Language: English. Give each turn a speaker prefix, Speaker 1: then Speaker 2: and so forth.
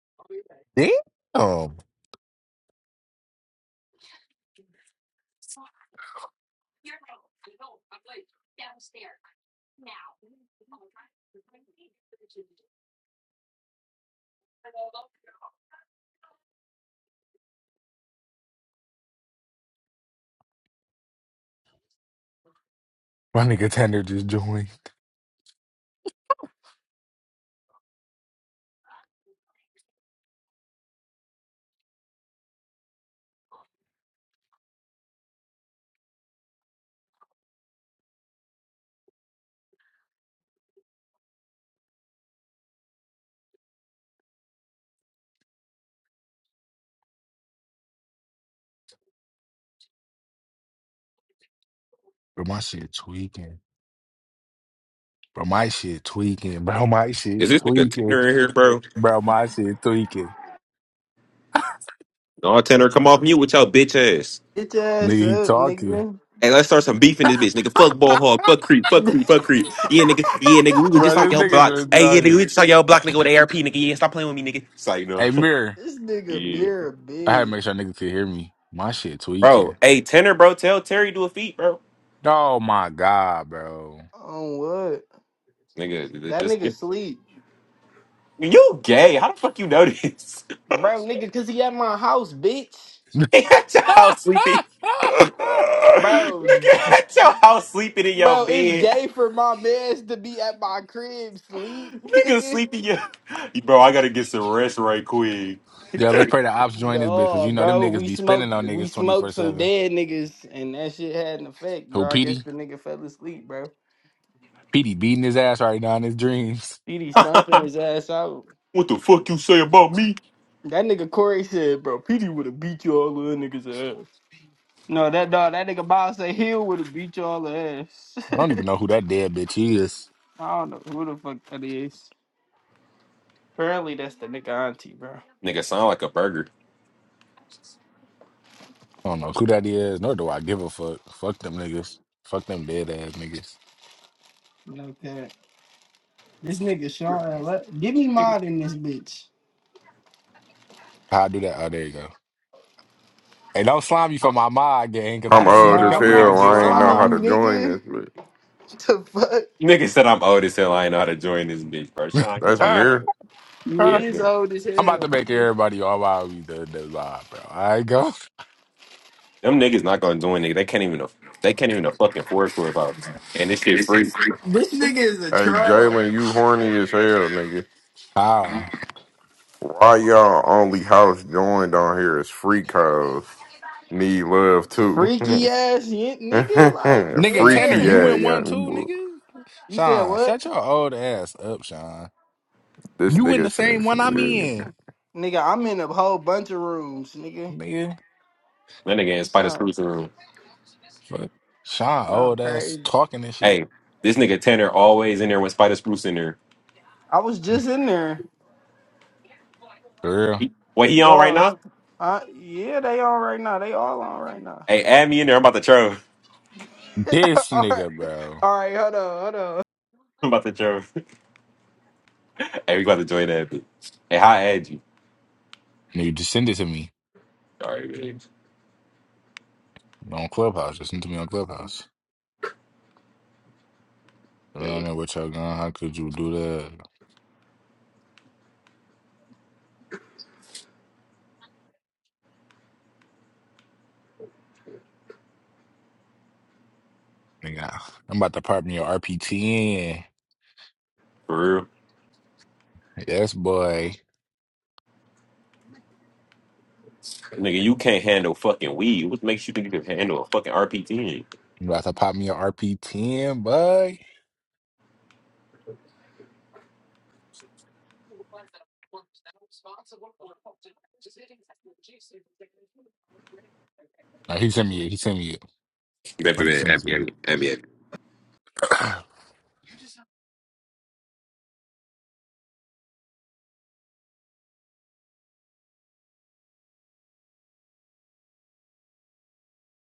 Speaker 1: Um, my nigga Tanner just joined. Bro, my shit tweaking. Bro, my shit tweaking. Bro, my shit
Speaker 2: Is this nigga
Speaker 1: tweaking.
Speaker 2: Tanner in here, bro?
Speaker 1: Bro, my shit tweaking.
Speaker 2: No, Tanner, come off mute with your bitch ass.
Speaker 3: Get your ass
Speaker 1: Nigga, he
Speaker 3: up,
Speaker 1: talking.
Speaker 3: nigga.
Speaker 2: Hey, let's start some beef in this bitch, nigga. Fuck ball hog, fuck creep, fuck creep, fuck creep. Yeah, nigga, yeah, nigga, we was
Speaker 1: Bro,
Speaker 2: just on
Speaker 1: this
Speaker 2: your
Speaker 1: nigga's
Speaker 2: block. Hey, yeah, nigga,
Speaker 1: retarded.
Speaker 2: we just on your block, nigga, with ARP, nigga. Yeah, stop playing with me, nigga. It's like, no.
Speaker 1: Hey, Mirror,
Speaker 3: this nigga
Speaker 2: yeah.
Speaker 3: beer
Speaker 1: I had to
Speaker 3: big.
Speaker 1: make sure nigga could hear me. My shit tweaking.
Speaker 2: Bro, hey, Tanner, bro, tell Terry do a feat, bro.
Speaker 1: Oh my god, bro.
Speaker 3: On what?
Speaker 2: Nigga, th- th-
Speaker 3: That
Speaker 2: just
Speaker 3: nigga
Speaker 2: get.
Speaker 3: sleep.
Speaker 2: You gay. How the fuck you know this?
Speaker 3: Bro, nigga, cause he at my house, bitch.
Speaker 2: at your house sleeping.
Speaker 3: Bro,
Speaker 2: nigga, at your house sleeping in your
Speaker 3: bro, it's
Speaker 2: bed.
Speaker 3: gay for my mans to be at my crib sleep,
Speaker 2: Nigga
Speaker 3: nigga.
Speaker 2: sleepy. yeah. Bro, I gotta get some rest right quick.
Speaker 1: yeah, let's pray the ops join this bitch, cause
Speaker 3: No,
Speaker 1: you know them
Speaker 3: bro,
Speaker 1: niggas
Speaker 3: we
Speaker 1: be spinning
Speaker 3: smoked
Speaker 1: on
Speaker 3: we
Speaker 1: niggas twenty four
Speaker 3: smoked some
Speaker 1: seven.
Speaker 3: dead niggas and that shit had an effect,
Speaker 1: Who
Speaker 3: bro. I guess
Speaker 1: Petey?
Speaker 3: the nigga fell asleep, bro.
Speaker 1: Petey beating his ass right now in his dreams.
Speaker 3: Didi stomping
Speaker 2: what
Speaker 3: his ass out.
Speaker 2: the fuck you say about me?
Speaker 3: That nigga Corey said, bro, Petey would have beat you all little niggas ass. No, that dog, that nigga Bob said Hill would have beat you all ass.
Speaker 1: I don't even know who that dead bitch is.
Speaker 3: I don't know who the fuck that is. Apparently that's the nigga auntie, bro.
Speaker 2: Nigga sound like a burger.
Speaker 1: I don't know who that is, nor do I give a fuck. Fuck them niggas. Fuck them dead ass niggas.
Speaker 3: Like that. This nigga Sean, let, give me
Speaker 2: Nigga,
Speaker 3: mod in this bitch.
Speaker 1: How I do that? Oh, there you go. Hey, don't slime me for my mod game, because I
Speaker 4: I'm
Speaker 1: done seen
Speaker 4: old
Speaker 1: a
Speaker 3: Bro,
Speaker 4: as
Speaker 3: I'm
Speaker 1: couple
Speaker 3: not
Speaker 1: niggas
Speaker 4: hell.
Speaker 1: get
Speaker 4: I ain't know
Speaker 3: sliming
Speaker 4: how
Speaker 3: you,
Speaker 1: slimed.
Speaker 4: to join
Speaker 3: nigga.
Speaker 4: this, but
Speaker 3: The fuck?
Speaker 2: nigga said I'm old as hell. I ain't know how to join this bitch, bro. Sean, get
Speaker 4: that's
Speaker 2: out that bitch.
Speaker 4: mirror.
Speaker 3: You
Speaker 2: Yeah,
Speaker 1: I'm
Speaker 3: is
Speaker 2: yeah.
Speaker 3: old as hell.
Speaker 1: about to make
Speaker 3: nigga.
Speaker 1: everybody all about me the, the live, bro. I go.
Speaker 2: Them niggas not gonna join nigga. They can't even aff- they can't even a fucking afford clubhouse. And this shit free.
Speaker 3: This nigga is a
Speaker 4: Hey,
Speaker 3: troll.
Speaker 4: Jalen, you horny as hell, nigga.
Speaker 1: Ah.
Speaker 4: Why y'all only house joined on here is free codes. Need love too.
Speaker 3: Freaky ass y- nigga, like
Speaker 1: Nigga, Tanner,
Speaker 4: Freaky
Speaker 1: you
Speaker 3: damn.
Speaker 4: ass
Speaker 1: in one
Speaker 4: young
Speaker 1: too,
Speaker 4: boy.
Speaker 1: nigga?
Speaker 3: You said
Speaker 1: Sean,
Speaker 3: what?
Speaker 1: shut your old ass up, Sean.
Speaker 4: This
Speaker 1: You in the
Speaker 4: nigga
Speaker 1: same one I'm
Speaker 4: says.
Speaker 1: in,
Speaker 3: Nigga, I'm in a whole bunch of rooms, nigga.
Speaker 1: nigga.
Speaker 2: That nigga in Spider
Speaker 3: So,
Speaker 2: Spruce room.
Speaker 1: Fuck. Sean,
Speaker 3: so
Speaker 1: old ass
Speaker 3: crazy.
Speaker 1: talking and shit.
Speaker 2: Hey, this nigga Tanner always in there when Spider Spruce in there.
Speaker 3: I was just in there.
Speaker 1: For real.
Speaker 2: He, what he on right
Speaker 3: Dogs.
Speaker 2: now?
Speaker 3: Uh, yeah, they on right now. They all on right now.
Speaker 2: Hey, add me in there. I'm about to troll.
Speaker 1: This
Speaker 3: all
Speaker 1: nigga,
Speaker 3: right,
Speaker 1: bro.
Speaker 3: all right. Hold on, hold on.
Speaker 2: I'm about to troll. hey, we about to join that bitch. Hey, how I add you?
Speaker 1: Nigga, just send it to me
Speaker 2: Sorry, man.
Speaker 1: on Clubhouse. Just send it to me on Clubhouse. I don't
Speaker 2: Hey,
Speaker 1: know what y'all going. How could you do that? Nigga, I'm about to pop me a RP10.
Speaker 2: For real.
Speaker 1: Yes, boy.
Speaker 2: Nigga, you can't handle fucking weed. What makes you think you can handle a fucking RPT?
Speaker 1: I'm about to pop me a RP10, boy. Nah, he sent me it. He sent me it. I'm about to send it to you.